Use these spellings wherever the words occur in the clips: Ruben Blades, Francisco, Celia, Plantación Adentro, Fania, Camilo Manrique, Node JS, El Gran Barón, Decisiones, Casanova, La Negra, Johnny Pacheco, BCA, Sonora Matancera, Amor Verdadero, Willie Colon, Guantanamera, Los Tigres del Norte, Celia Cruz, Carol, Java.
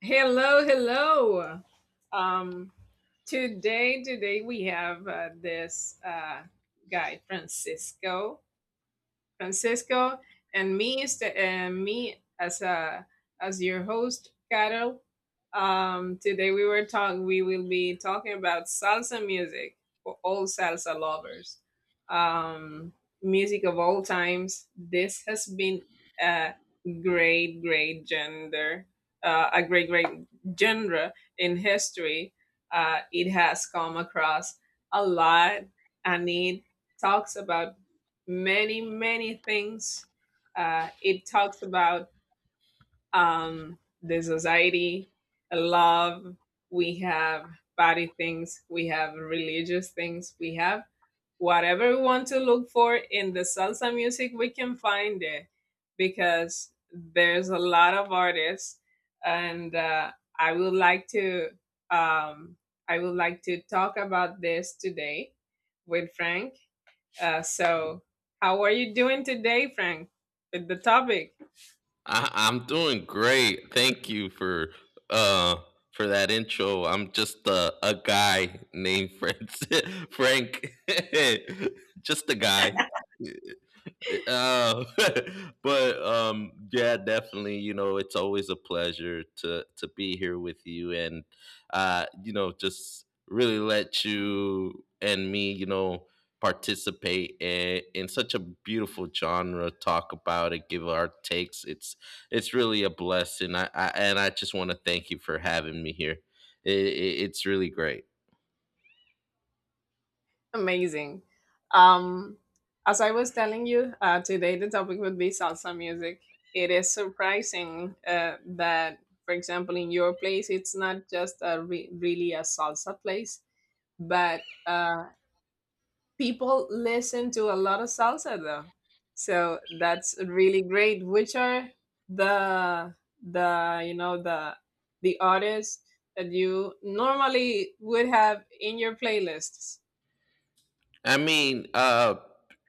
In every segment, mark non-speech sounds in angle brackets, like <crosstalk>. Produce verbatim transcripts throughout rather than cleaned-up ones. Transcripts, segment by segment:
Hello, hello. Um, today, today we have uh, this uh, guy Francisco Francisco, and me, st- and me as a as your host, Carol. Um, today we were talking. We will be talking about salsa music for all salsa lovers. Um, Music of all times. This has been a great, great gender, uh, a great, great genre in history. Uh, it has come across a lot, and it talks about many, many things. Uh, it talks about um, the society, love, we have body things, we have religious things, we have whatever we want to look for in the salsa music, we can find it because there's a lot of artists, and uh, I would like to um, I would like to talk about this today with Frank, uh, so, how are you doing today, Frank, with the topic? I, I'm doing great. Thank you for uh for that intro. I'm just a, a guy named Francis, <laughs> Frank. <laughs> Just a guy. Uh, <laughs> but um, yeah, definitely. You know, it's always a pleasure to to be here with you, and uh, you know, just really let you and me, you know, participate in, in such a beautiful genre. Talk about it, give our takes. It's it's really a blessing. I, I and I just want to thank you for having me here. It, it, it's really great. Amazing. Um, as I was telling you, uh, today the topic would be salsa music. It is surprising uh, that, for example, in your place, it's not just a re- really a salsa place, but uh, people listen to a lot of salsa though so that's really great. Which are the the you know the the artists that you normally would have in your playlists? I mean, uh,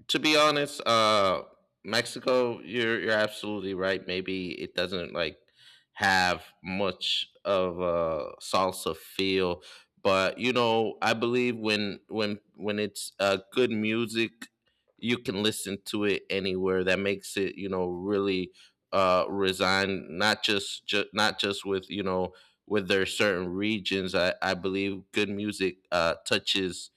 to be honest, uh, Mexico, you're you're absolutely right. Maybe it doesn't like have much of a salsa feel, but you know, I believe when when when it's uh, good music, you can listen to it anywhere. That makes it, you know, really uh, resign, not just ju- not just with you know with their certain regions. I I believe good music uh, touches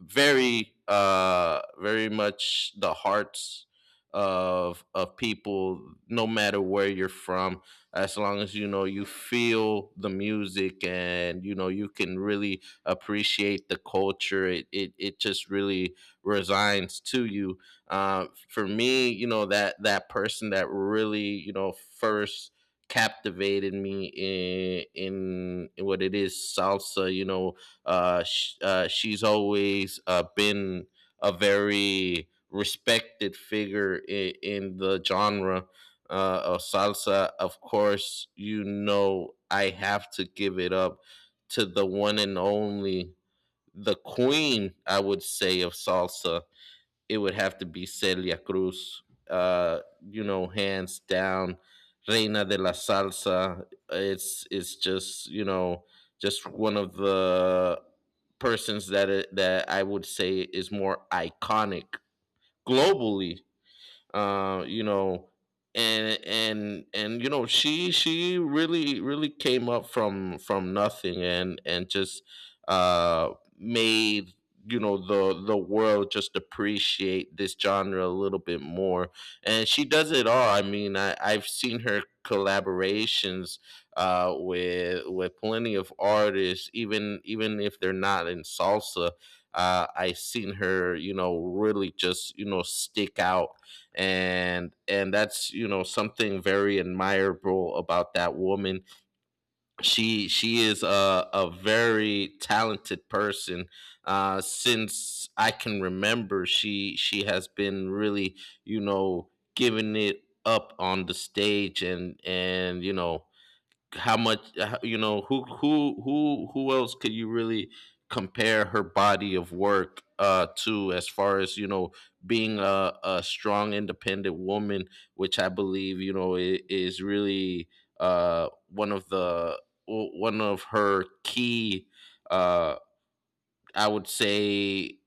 very uh very much the hearts of of people no matter where you're from. As long as you know you feel the music and you know you can really appreciate the culture, it it, it just really resigns to you. Uh, for me, you know, that that person that really, you know, first captivated me in in what it is salsa, you know, uh, sh- uh, she's always uh, been a very respected figure in, in the genre uh, of salsa. Of course, you know, I have to give it up to the one and only, the queen, I would say, of salsa. It would have to be Celia Cruz. Uh, you know, hands down, Reina de la Salsa. It's it's just, you know, just one of the persons that that I would say is more iconic globally, uh, you know, and and and you know, she she really really came up from from nothing and and just uh, made, you know, the the world just appreciate this genre a little bit more. And she does it all. I mean, I I've seen her collaborations uh with with plenty of artists, even even if they're not in salsa. uh, I seen her, you know, really just, you know, stick out, and and that's, you know, something very admirable about that woman. She she is a, a very talented person. Uh since I can remember, she she has been really, you know, giving it up on the stage, and and you know, how much, uh, you know who who who who else could you really compare her body of work uh to, as far as, you know, being a, a strong independent woman, which I believe, you know, i- is really uh one of the one of her key uh I would say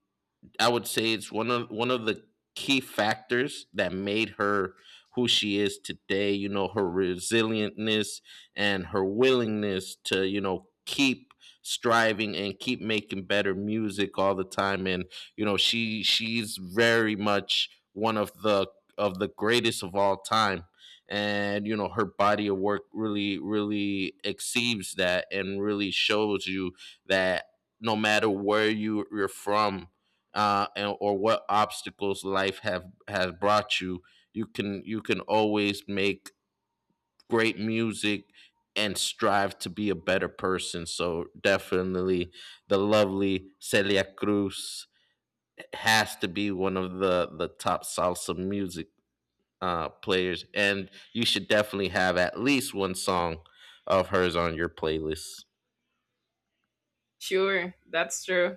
I would say it's one of one of the key factors that made her who she is today. You know, her resilientness and her willingness to, you know, keep striving and keep making better music all the time. And you know, she she's very much one of the of the greatest of all time. And you know, her body of work really, really exceeds that, and really shows you that no matter where you you're from, uh, and, or what obstacles life have has brought you, you can you can always make great music and strive to be a better person. So definitely, the lovely Celia Cruz has to be one of the the top salsa music uh, players, and you should definitely have at least one song of hers on your playlist. Sure, that's true.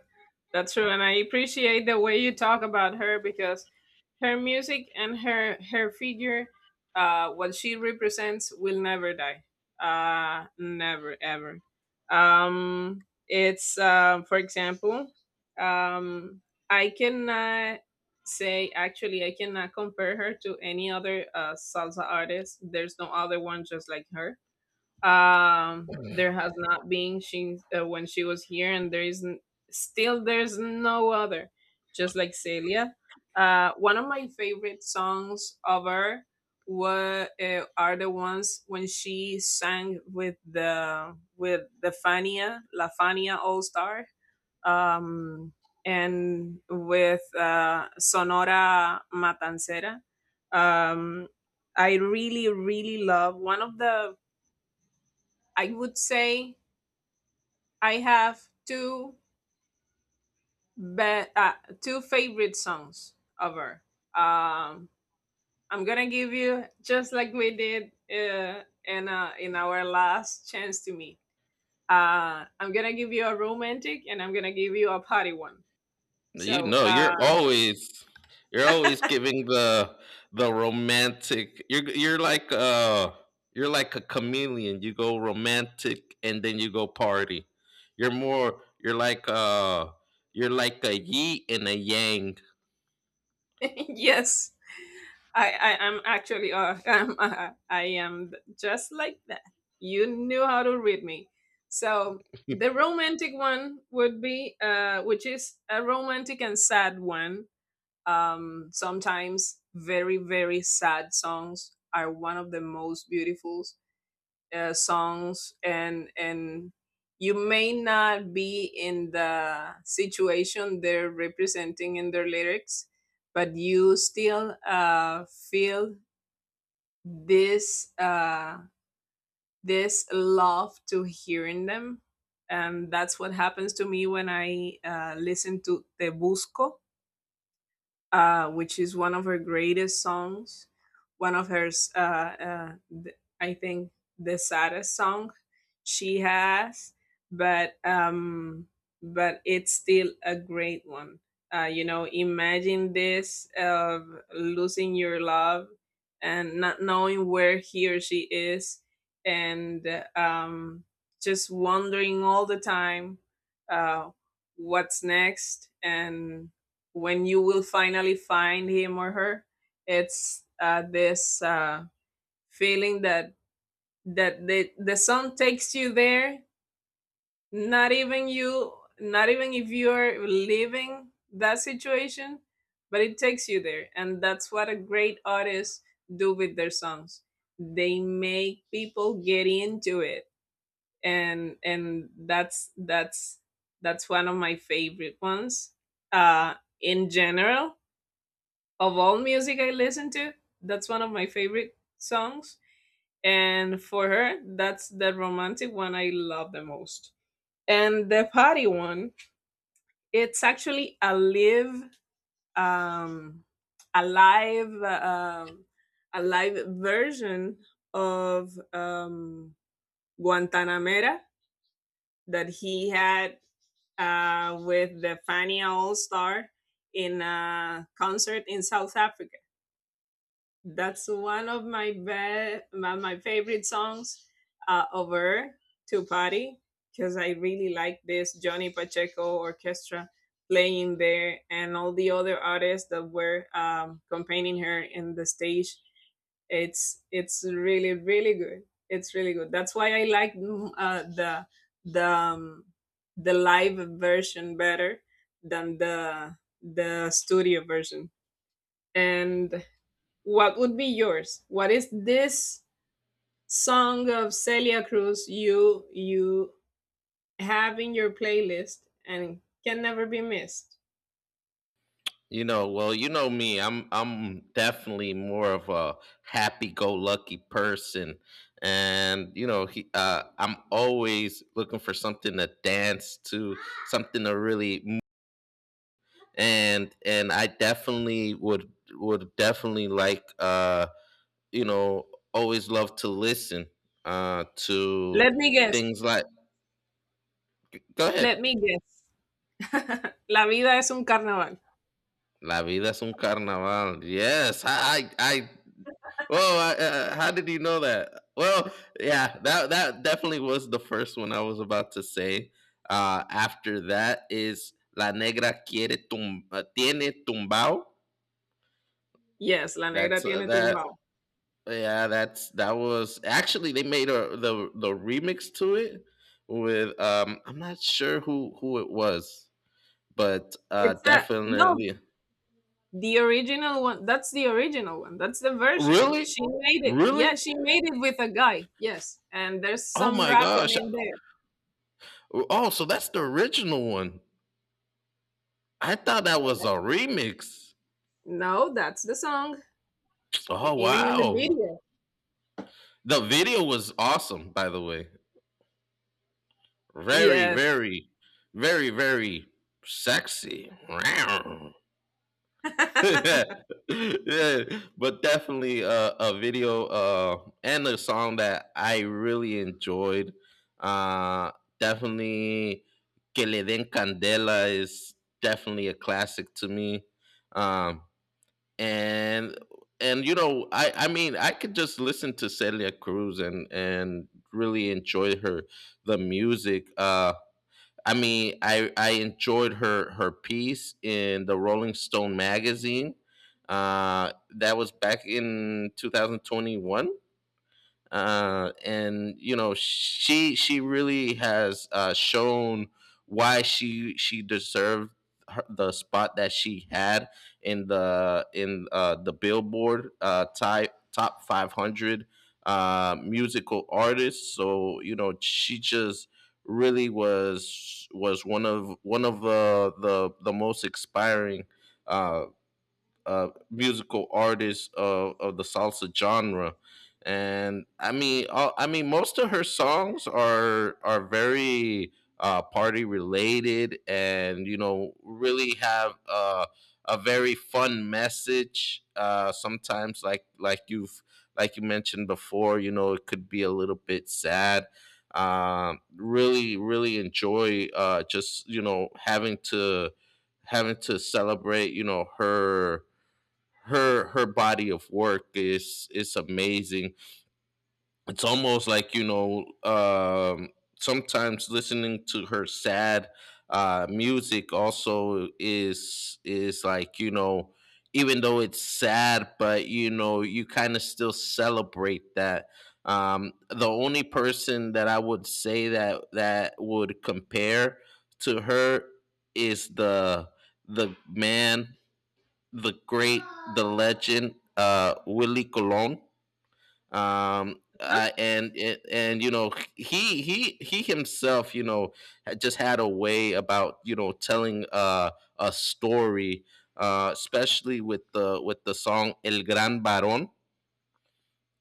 That's true, and I appreciate the way you talk about her because her music and her her figure, uh, what she represents will never die. Uh, never ever. Um, it's uh, For example, um, I cannot say, actually I cannot compare her to any other uh, salsa artist. There's no other one just like her. Um, there has not been, she uh, when she was here, and there is n- still there's no other. Just like Celia, uh, one of my favorite songs of her were uh, are the ones when she sang with the with the Fania La Fania All Star, um, and with uh, Sonora Matancera. Um, I really, really love one of the, I would say I have two be- uh, two favorite songs of her. Um, I'm gonna give you just like we did uh, in uh, in our last chance to meet. Uh, I'm gonna give you a romantic, and I'm gonna give you a party one. You So. know, Uh, you're always you're always giving the the romantic. You're you're like uh you're like a chameleon. You go romantic and then you go party. You're more you're like uh you're like a yi and a yang. <laughs> Yes, I, I am actually uh, <laughs> um, uh, I am just like that. You knew how to read me. So the <laughs> romantic one would be, uh, which is a romantic and sad one. Um, sometimes very, very sad songs are one of the most beautiful uh, songs, and and you may not be in the situation they're representing in their lyrics, but you still uh, feel this uh, this love to hearing them. And that's what happens to me when I uh, listen to Te Busco, uh, which is one of her greatest songs, one of her, s- uh, uh, th- I think, the saddest song she has, but um, but it's still a great one. Uh, you know, imagine this of losing your love and not knowing where he or she is, and uh, um, just wondering all the time uh, what's next, and when you will finally find him or her. It's uh, this uh, feeling that that the, the song takes you there, not even you, not even if you're leaving that situation, but it takes you there. And that's what a great artist do with their songs. They make people get into it. And and that's that's that's one of my favorite ones uh in general. Of all music I listen to, that's one of my favorite songs. And for her, that's the romantic one I love the most. And the party one, it's actually a live, um, a live, uh, um, a live version of um, Guantanamera that he had uh, with the Fania All Star in a concert in South Africa. That's one of my be- my, my favorite songs uh, over to party, because I really like this Johnny Pacheco orchestra playing there and all the other artists that were um, accompanying her in the stage. It's it's really really good. It's really good. That's why I like mm, uh, the the um, the live version better than the the studio version. And what would be yours? What is this song of Celia Cruz you you have in your playlist and can never be missed? You know, well, you know me. I'm I'm definitely more of a happy-go-lucky person, and you know, he, uh, I'm always looking for something to dance to, something to really, and and I definitely would would definitely like, uh you know always love to listen uh to Let me guess. things like, go Let ahead. me guess. <laughs> La vida es un carnaval. La vida es un carnaval. Yes, I I, I well, I, uh, how did you know that? Well, yeah, that that definitely was the first one I was about to say. Uh, after that is La Negra quiere tum- uh, tiene tumbao. Yes, La Negra That's uh, tiene that tumbao. Yeah, that's that was actually they made a the the remix to it with, um I'm not sure who who it was, but uh It's a no, definitely. the original one. That's the original one. That's the version. Really? She made it. Really? Yeah, she made it with a guy. Yes. And there's Oh some my rapping gosh. in there. Oh, so that's the original one. I thought that was a remix. No, that's the song. e- Oh Even in the wow. video. The video was awesome, by the way. Very, Yes. very, very, very sexy. Wow. <laughs> Yeah, <laughs> yeah, but definitely a, a video uh, and a song that I really enjoyed. Uh, Definitely, Que Le Den Candela is definitely a classic to me. Um, and and you know, I I mean, I could just listen to Celia Cruz and and really enjoy her the music. Uh, I mean, I I enjoyed her her piece in the Rolling Stone magazine. Uh, that was back in twenty twenty-one, uh, and you know, she she really has uh, shown why she she deserved her, the spot that she had in the in uh, the Billboard uh, type top five hundred uh, musical artists. So you know, she just really was was one of one of the the, the most inspiring uh, uh, musical artists of, of the salsa genre. And I mean, uh, I mean, most of her songs are are very uh, party related, and you know, really have uh, a very fun message. Uh, sometimes, like like you've like you mentioned before, you know, it could be a little bit sad. Um, really, really enjoy, uh, just you know, having to having to celebrate, you know, her her her body of work is is amazing. It's almost like, you know, um, sometimes listening to her sad uh, music also is is like, you know, even though it's sad, but you know, you kind of still celebrate that. Um, the only person that I would say that that would compare to her is the the man, the great, the legend, uh, Willie Colon. Um, uh, and and and, you know, he he he himself, you know, had just had a way about, you know, telling uh, a story, uh, especially with the with the song El Gran Barón.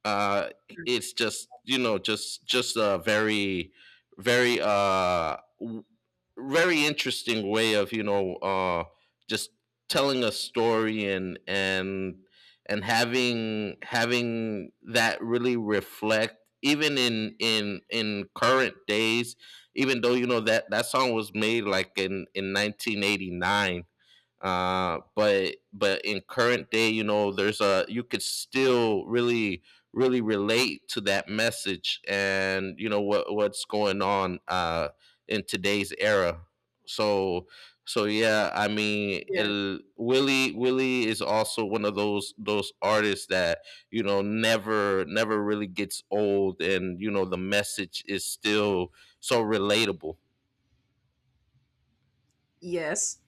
uh it's just, you know, just just a very very uh w- very interesting way of, you know, uh just telling a story and and and having having that really reflect even in in in current days. Even though, you know, that that song was made like in in nineteen eighty-nine, uh but but in current day, you know, there's a you could still really really relate to that message and you know what what's going on uh in today's era. So so yeah, I mean, Yes. el, willie Willie is also one of those those artists that you know, never never really gets old, and you know, the message is still so relatable. Yes.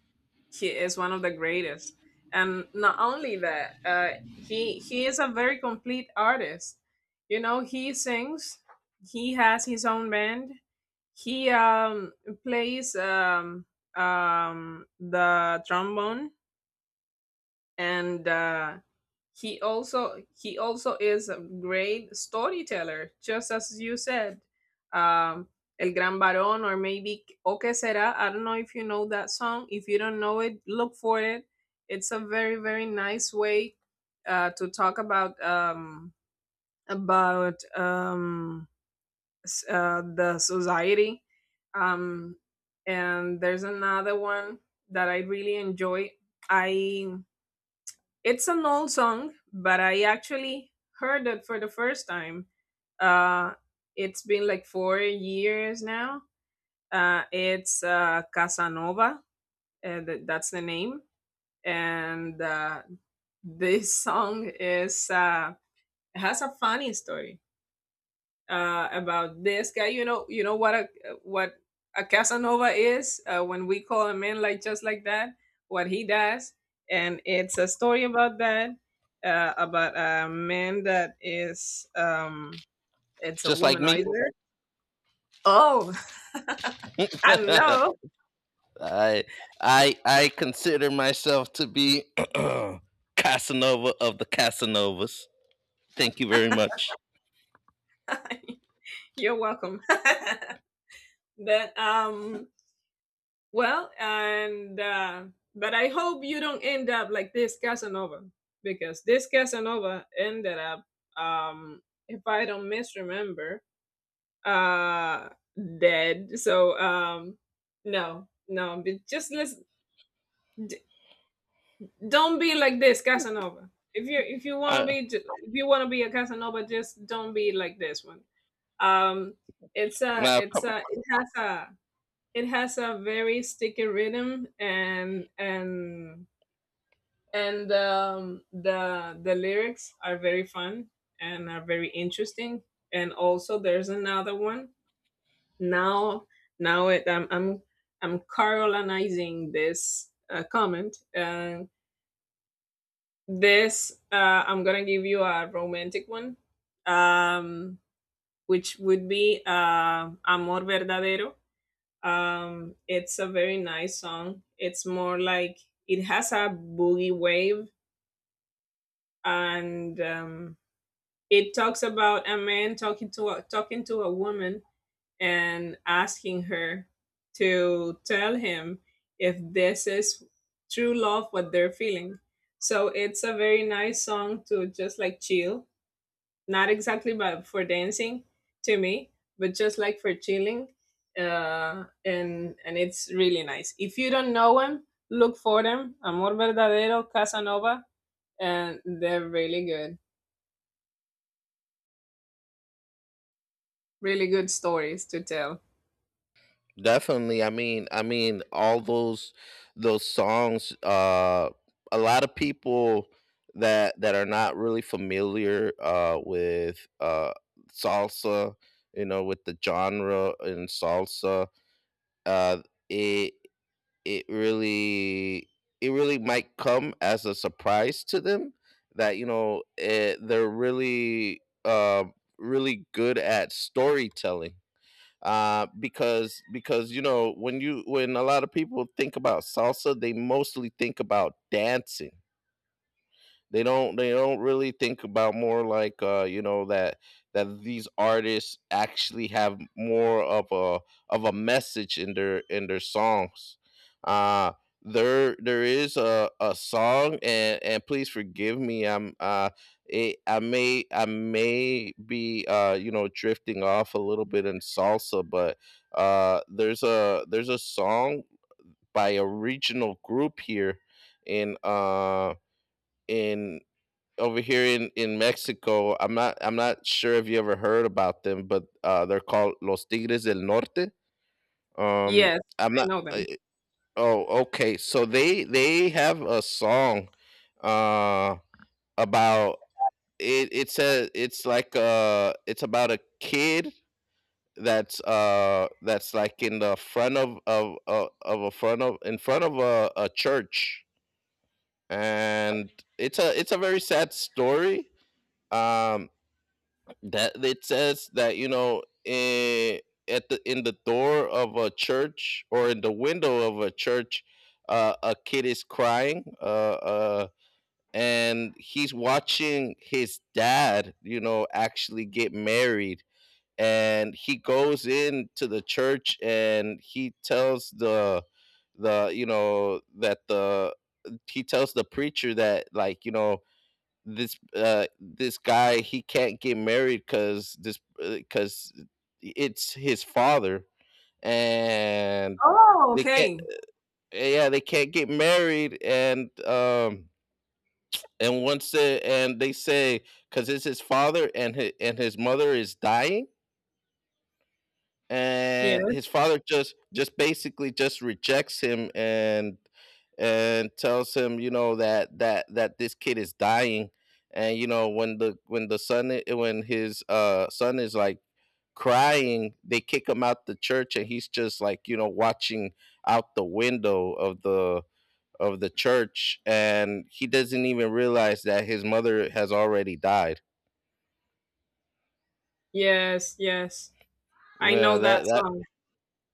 He is one of the greatest. And not only that, uh, he he is a very complete artist. You know, he sings, he has his own band, he um plays um um the trombone, and uh he also, he also is a great storyteller, just as you said. Um, El Gran Barón, or maybe O Que Será. I don't know if you know that song. If you don't know it, look for it. It's a very, very nice way uh, to talk about um, about um, s- uh, the society. Um, and there's another one that I really enjoy. I It's an old song, but I actually heard it for the first time. Uh, it's been like four years now. Uh, it's uh, Casanova, uh, th- that's the name. And uh, This <laughs> song is uh, has a funny story uh, about this guy. You know, you know what a, what a Casanova is uh, when we call him in like just like that. What he does, and it's a story about that, uh, about a man that is um, it's a Just like me. womanizer. Oh, <laughs> I <laughs> know. I I I consider myself to be <clears throat> Casanova of the Casanovas. Thank you very much. You're welcome. <laughs> That um, Well, and uh, but I hope you don't end up like this Casanova, because this Casanova ended up, um, if I don't misremember, uh, dead. So um, no, no, but just let's d- don't be like this Casanova. If you, if you want to I be j- if you want to be a Casanova, just don't be like this one. Um, it's a now it's co- a it has a It has a very sticky rhythm, and and and um, the the lyrics are very fun and are very interesting. And also, there's another one now. Now it, I'm I'm I'm Carolinizing this uh, comment. And this uh, I'm gonna give you a romantic one, um, which would be uh, Amor Verdadero. Um, it's a very nice song. It's more like it has a boogie wave, and um, it talks about a man talking to a, talking to a woman and asking her to tell him if this is true love what they're feeling. So it's a very nice song to just like chill, not exactly but for dancing to me, but just like for chilling. uh and and it's really nice. If you don't know them, look for them: Amor Verdadero, Casanova. And they're really good, really good stories to tell. Definitely. I mean, I mean, all those those songs. Uh, a lot of people that that are not really familiar uh, with uh, salsa, you know, with the genre in salsa, uh, it it really it really might come as a surprise to them that you know it, they're really uh, really good at storytelling, uh, because because you know when you when a lot of people think about salsa, they mostly think about dancing. They don't they don't really think about more like, uh, you know, that that these artists actually have more of a of a message in their in their songs. Uh, there there is a, a song, and and please forgive me, I'm uh it, I may I may be, uh you know, drifting off a little bit in salsa, but uh there's a there's a song by a regional group here in uh in over here in in Mexico. I'm not, I'm not sure if you ever heard about them, but uh, they're called Los Tigres del Norte. Um, Yes, I'm I not. know Uh, them. oh, okay. So they they have a song uh, about it. It's a it's like uh it's about a kid that's uh that's like in the front of of of, of a front of in front of a, a church, and it's a it's a very sad story um that it says that, you know, in at the in the door of a church or in the window of a church, uh, a kid is crying, uh, uh, and he's watching his dad, you know, actually get married, and he goes into the church and he tells the the you know that the he tells the preacher that, like, you know, this uh this guy he can't get married because this because it's his father, and Oh, they can't, okay. yeah, they can't get married. And um and once they, and they say, because it's his father, and his, and his mother is dying, Yes, and his father just just basically just rejects him, and and tells him, you know, that that that this kid is dying. And, you know, when the when the son i- when his uh son is like crying, they kick him out the church, and he's just, like, you know, watching out the window of the of the church, and he doesn't even realize that his mother has already died. yes, yes. I know yeah that that song.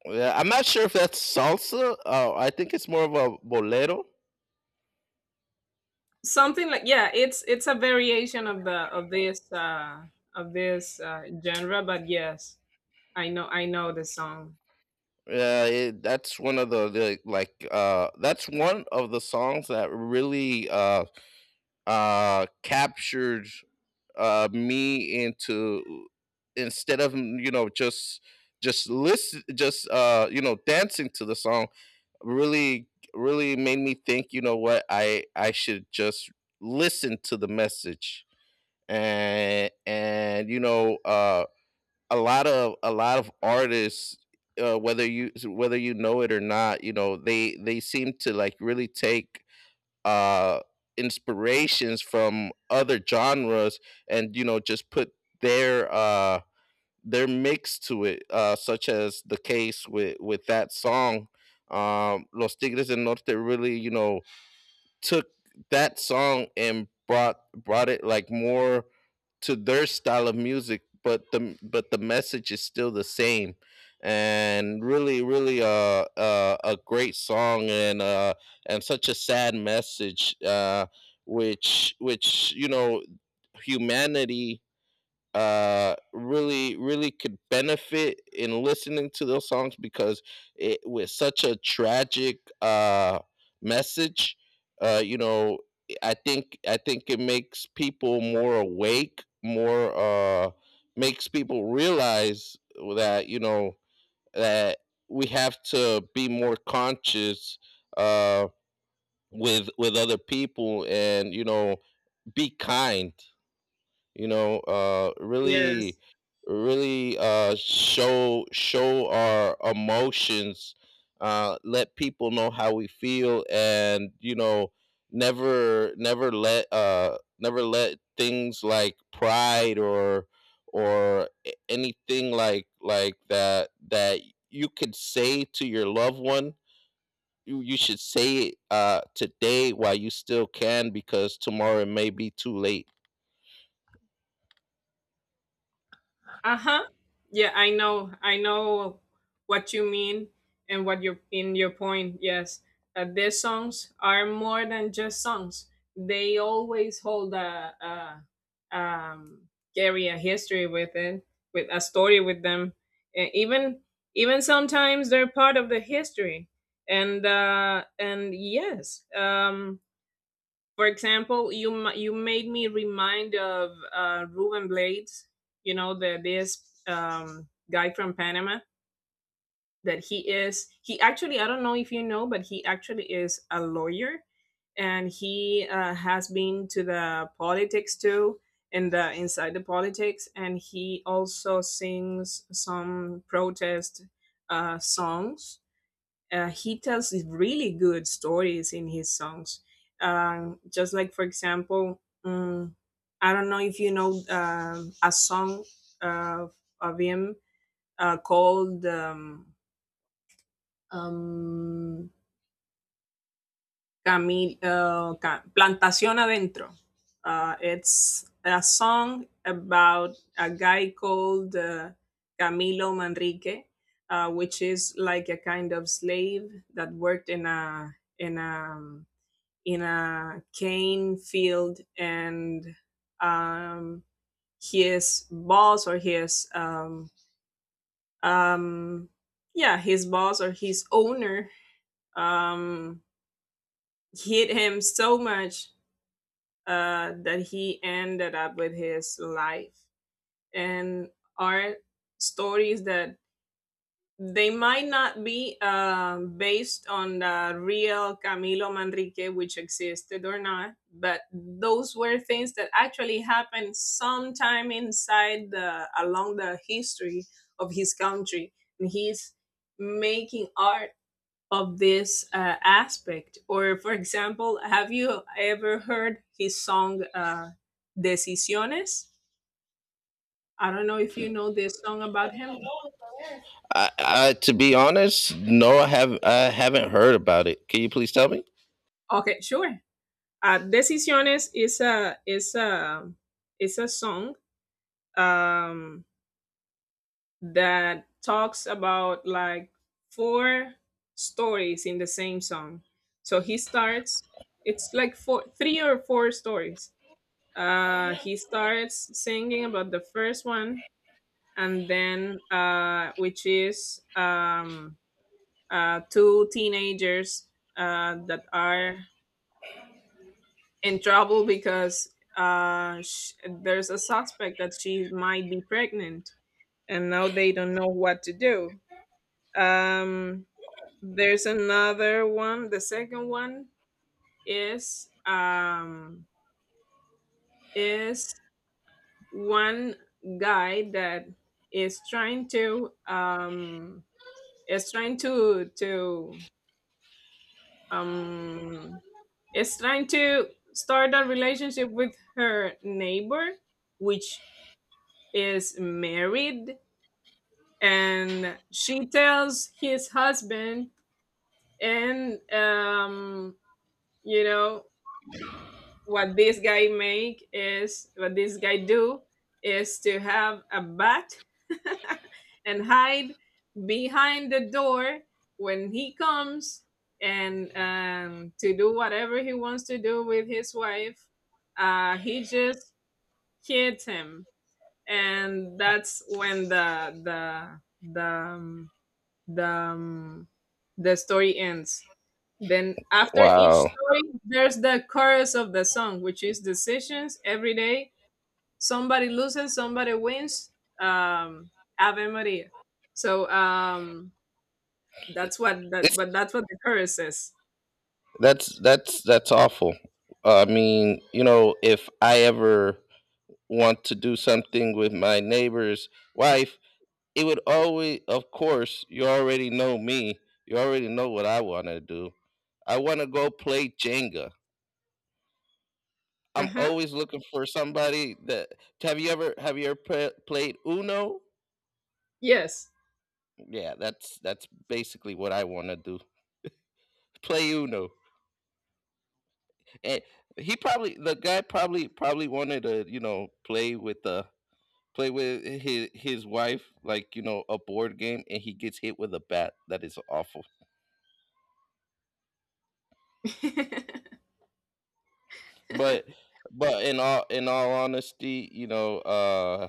Yeah, I'm not sure if that's salsa. Uh, I think it's more of a bolero. Something like, yeah, it's it's a variation of the of this uh of this uh genre, but yes, I know, I know the song. Yeah, it, that's one of the, the like uh, that's one of the songs that really uh, uh, captured uh, me into, instead of, you know, just just listen just uh, you know, dancing to the song, really really made me think, you know what, i i should just listen to the message. and and you know, uh a lot of a lot of artists, uh, whether you whether you know it or not, you know, they they seem to, like, really take uh inspirations from other genres, and, you know, just put their uh their mix to it, uh such as the case with with that song. um Los Tigres del Norte really, you know, took that song and brought brought it, like, more to their style of music, but the but the message is still the same. And really, really, uh, uh, a great song, and uh, and such a sad message, uh, which which you know, humanity uh really really could benefit in listening to those songs, because it, with such a tragic uh message, uh you know, i think i think it makes people more awake, more uh makes people realize that, you know, that we have to be more conscious uh with with other people. And, you know, be kind, you know, uh Yes. really really uh show show our emotions, uh let people know how we feel. And, you know, never never let uh never let things like pride or or a- anything like like that, that you could say to your loved one, you, you should say it uh today while you still can, because tomorrow it may be too late. Uh-huh. Yeah, I know. I know what you mean and what you in your point. Yes. Uh, their songs are more than just songs. They always hold a, a um carry a history with it, with a story with them. And even, even sometimes they're part of the history. And uh and yes. Um for example, you ma- you made me remind of uh, Ruben Blades. You know the this um, guy from Panama that he is. He actually, I don't know if you know, but he actually is a lawyer, and he uh, has been to the politics too, in the inside the politics, and he also sings some protest uh, songs. Uh, he tells really good stories in his songs. Um, just like, for example, um, I don't know if you know um, a song uh, of him uh, called um, um, Camil- uh, Ca- Plantación Adentro. Uh, it's a song about a guy called uh, Camilo Manrique, uh, which is like a kind of slave that worked in a in a um, in a cane field, and um, his boss or his um, um, yeah his boss or his owner um, hit him so much uh, that he ended up with his life. And are stories that, they might not be um, based on the real Camilo Manrique, which existed or not, but those were things that actually happened sometime inside the along the history of his country, and he's making art of this uh, aspect. Or, for example, have you ever heard his song uh, "Decisiones"? I don't know if you know this song about him. I, I, to be honest, no, I have I haven't heard about it. Can you please tell me? Okay, sure. Ah, Decisiones is a is a is a song um, that talks about like four stories in the same song. So he starts. It's like four, three or four stories. Uh, he starts singing about the first one, and then uh, which is um, uh, two teenagers uh, that are in trouble because uh, sh- there's a suspect that she might be pregnant, and now they don't know what to do. Um, there's another one. The second one is um, is one guy that is trying to um, is trying to to um, is trying to start a relationship with her neighbor, which is married, and she tells his husband. And um You know what this guy make is, what this guy do is to have a bat <laughs> and hide behind the door when he comes, and um, to do whatever he wants to do with his wife, uh, he just hits him. And that's when the the the um, the um, the story ends. Then after each Wow, story, there's the chorus of the song, which is: decisions every day. Somebody loses, somebody wins. Um, Ave Maria. So um, that's what that, but it's, that's what the chorus says. that's that's that's awful. I mean, you know, if I ever want to do something with my neighbor's wife, it would always, of course, you already know me. You already know what I want to do. I want to go play Jenga. Uh I'm huh. always looking for somebody that. Have you ever have you ever pla- played Uno? Yes. Yeah, that's that's basically what I want to do. Play Uno. And he probably the guy probably probably wanted to, you know, play with the play with his his wife, like, you know, a board game, and he gets hit with a bat. That is awful. <laughs> But but in all in all honesty, you know, uh,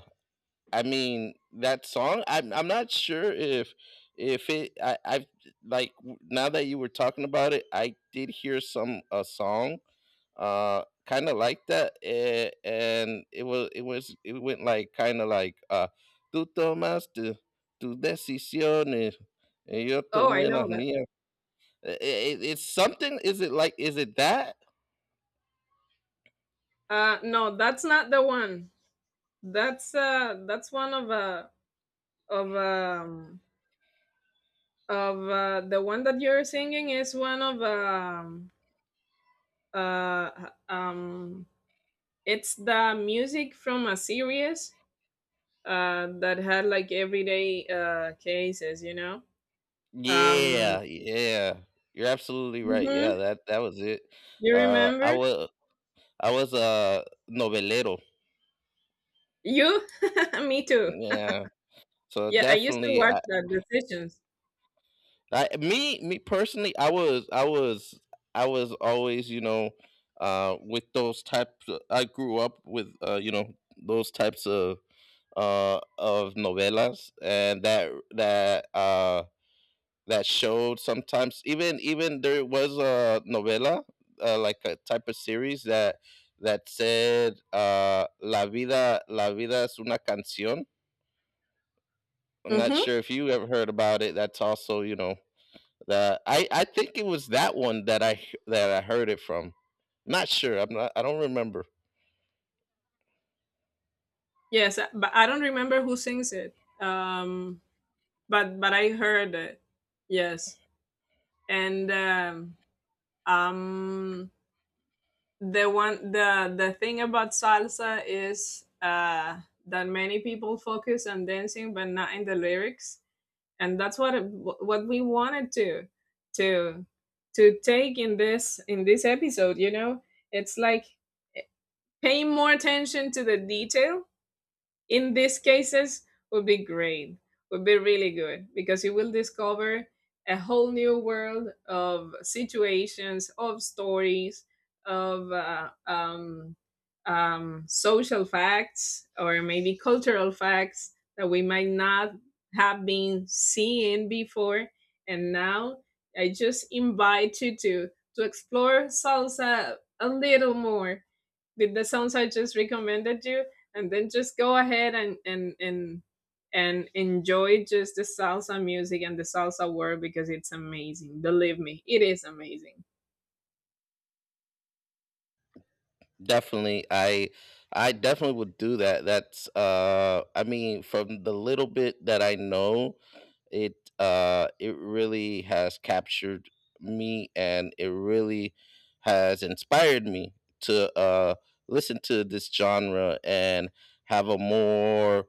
I mean that song. I'm I'm not sure if if it I I like, now that you were talking about it, I did hear some a song uh kind of like that, eh? And it was it was it went, like, kind of like, uh, tú tomaste tus decisiones y yo Oh, I tomé las know that. mías. Eh, eh, eh, it's something, is it like, is it that? Uh, no, that's not the one. That's uh, that's one of uh of um of uh, the one that you're singing is one of um uh um it's the music from a series uh that had like everyday uh cases, you know. um Yeah, yeah, you're absolutely right, mhm, yeah, that that was it. you uh I remember. was i was a novelero. You <laughs> me too. Yeah, so Yeah, I used to definitely watch I, the Decisions. I, me me personally, I was I was I was always, you know, uh, with those types. I grew up with, uh, you know, those types of uh, of novelas, and that that, uh, that showed sometimes, even even there was a novela, uh, like a type of series, that that said, uh, la vida la vida es una canción. I'm not Mm-hmm. sure if you ever heard about it. That's also, you know, the I I think it was that one that I that I heard it from. Not sure. I'm not. I don't remember. Yes, uh, but I don't remember who sings it. um but but I heard it. Yes. and um um the one, the the thing about salsa is uh that many people focus on dancing, but not in the lyrics. And that's what it, what we wanted to to to take in this, in this episode, you know. It's like, eh, paying more attention to the detail in these cases would be great, would be really good, because you will discover a whole new world of situations, of stories, of uh, um, um, social facts or maybe cultural facts that we might not have been seeing before. And now I just invite you to to explore salsa a little more with the songs I just recommended you, and then just go ahead and and and and enjoy just the salsa music and the salsa world, because it's amazing. Believe me, it is amazing. Definitely, I I definitely would do that. That's uh. I mean, from the little bit that I know, it uh it really has captured me, and it really has inspired me to uh listen to this genre, and have a more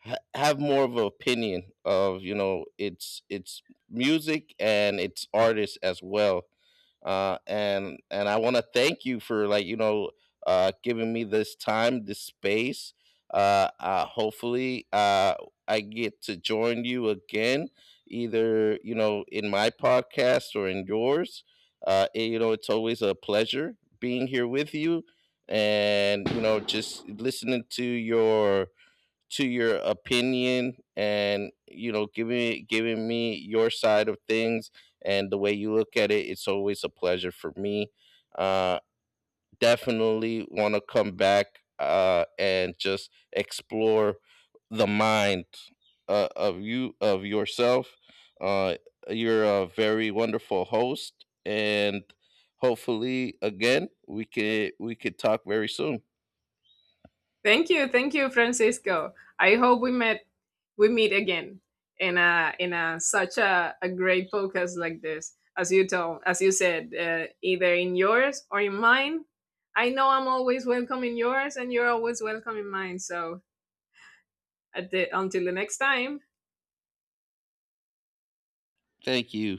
ha- have more of an opinion of, you know, it's it's music and its artists as well. uh, and and I want to thank you for, like, you know, uh, giving me this time, this space. Uh, uh, hopefully, uh, I get to join you again, either, you know, in my podcast or in yours. Uh, it- you know, it's always a pleasure being here with you, and, you know, just listening to your to your opinion, and, you know, giving giving me your side of things, and the way you look at it, it's always a pleasure for me. uh Definitely want to come back, uh and just explore the mind uh, of you of yourself. uh you're a very wonderful host, and hopefully again we could we could talk very soon. Thank you, thank you, Francisco. I hope we met we meet again in a, in a such a, a great podcast like this. As you told, as you said, uh, either in yours or in mine. I know I'm always welcome in yours, and you're always welcome in mine. So at the, until the next time. Thank you.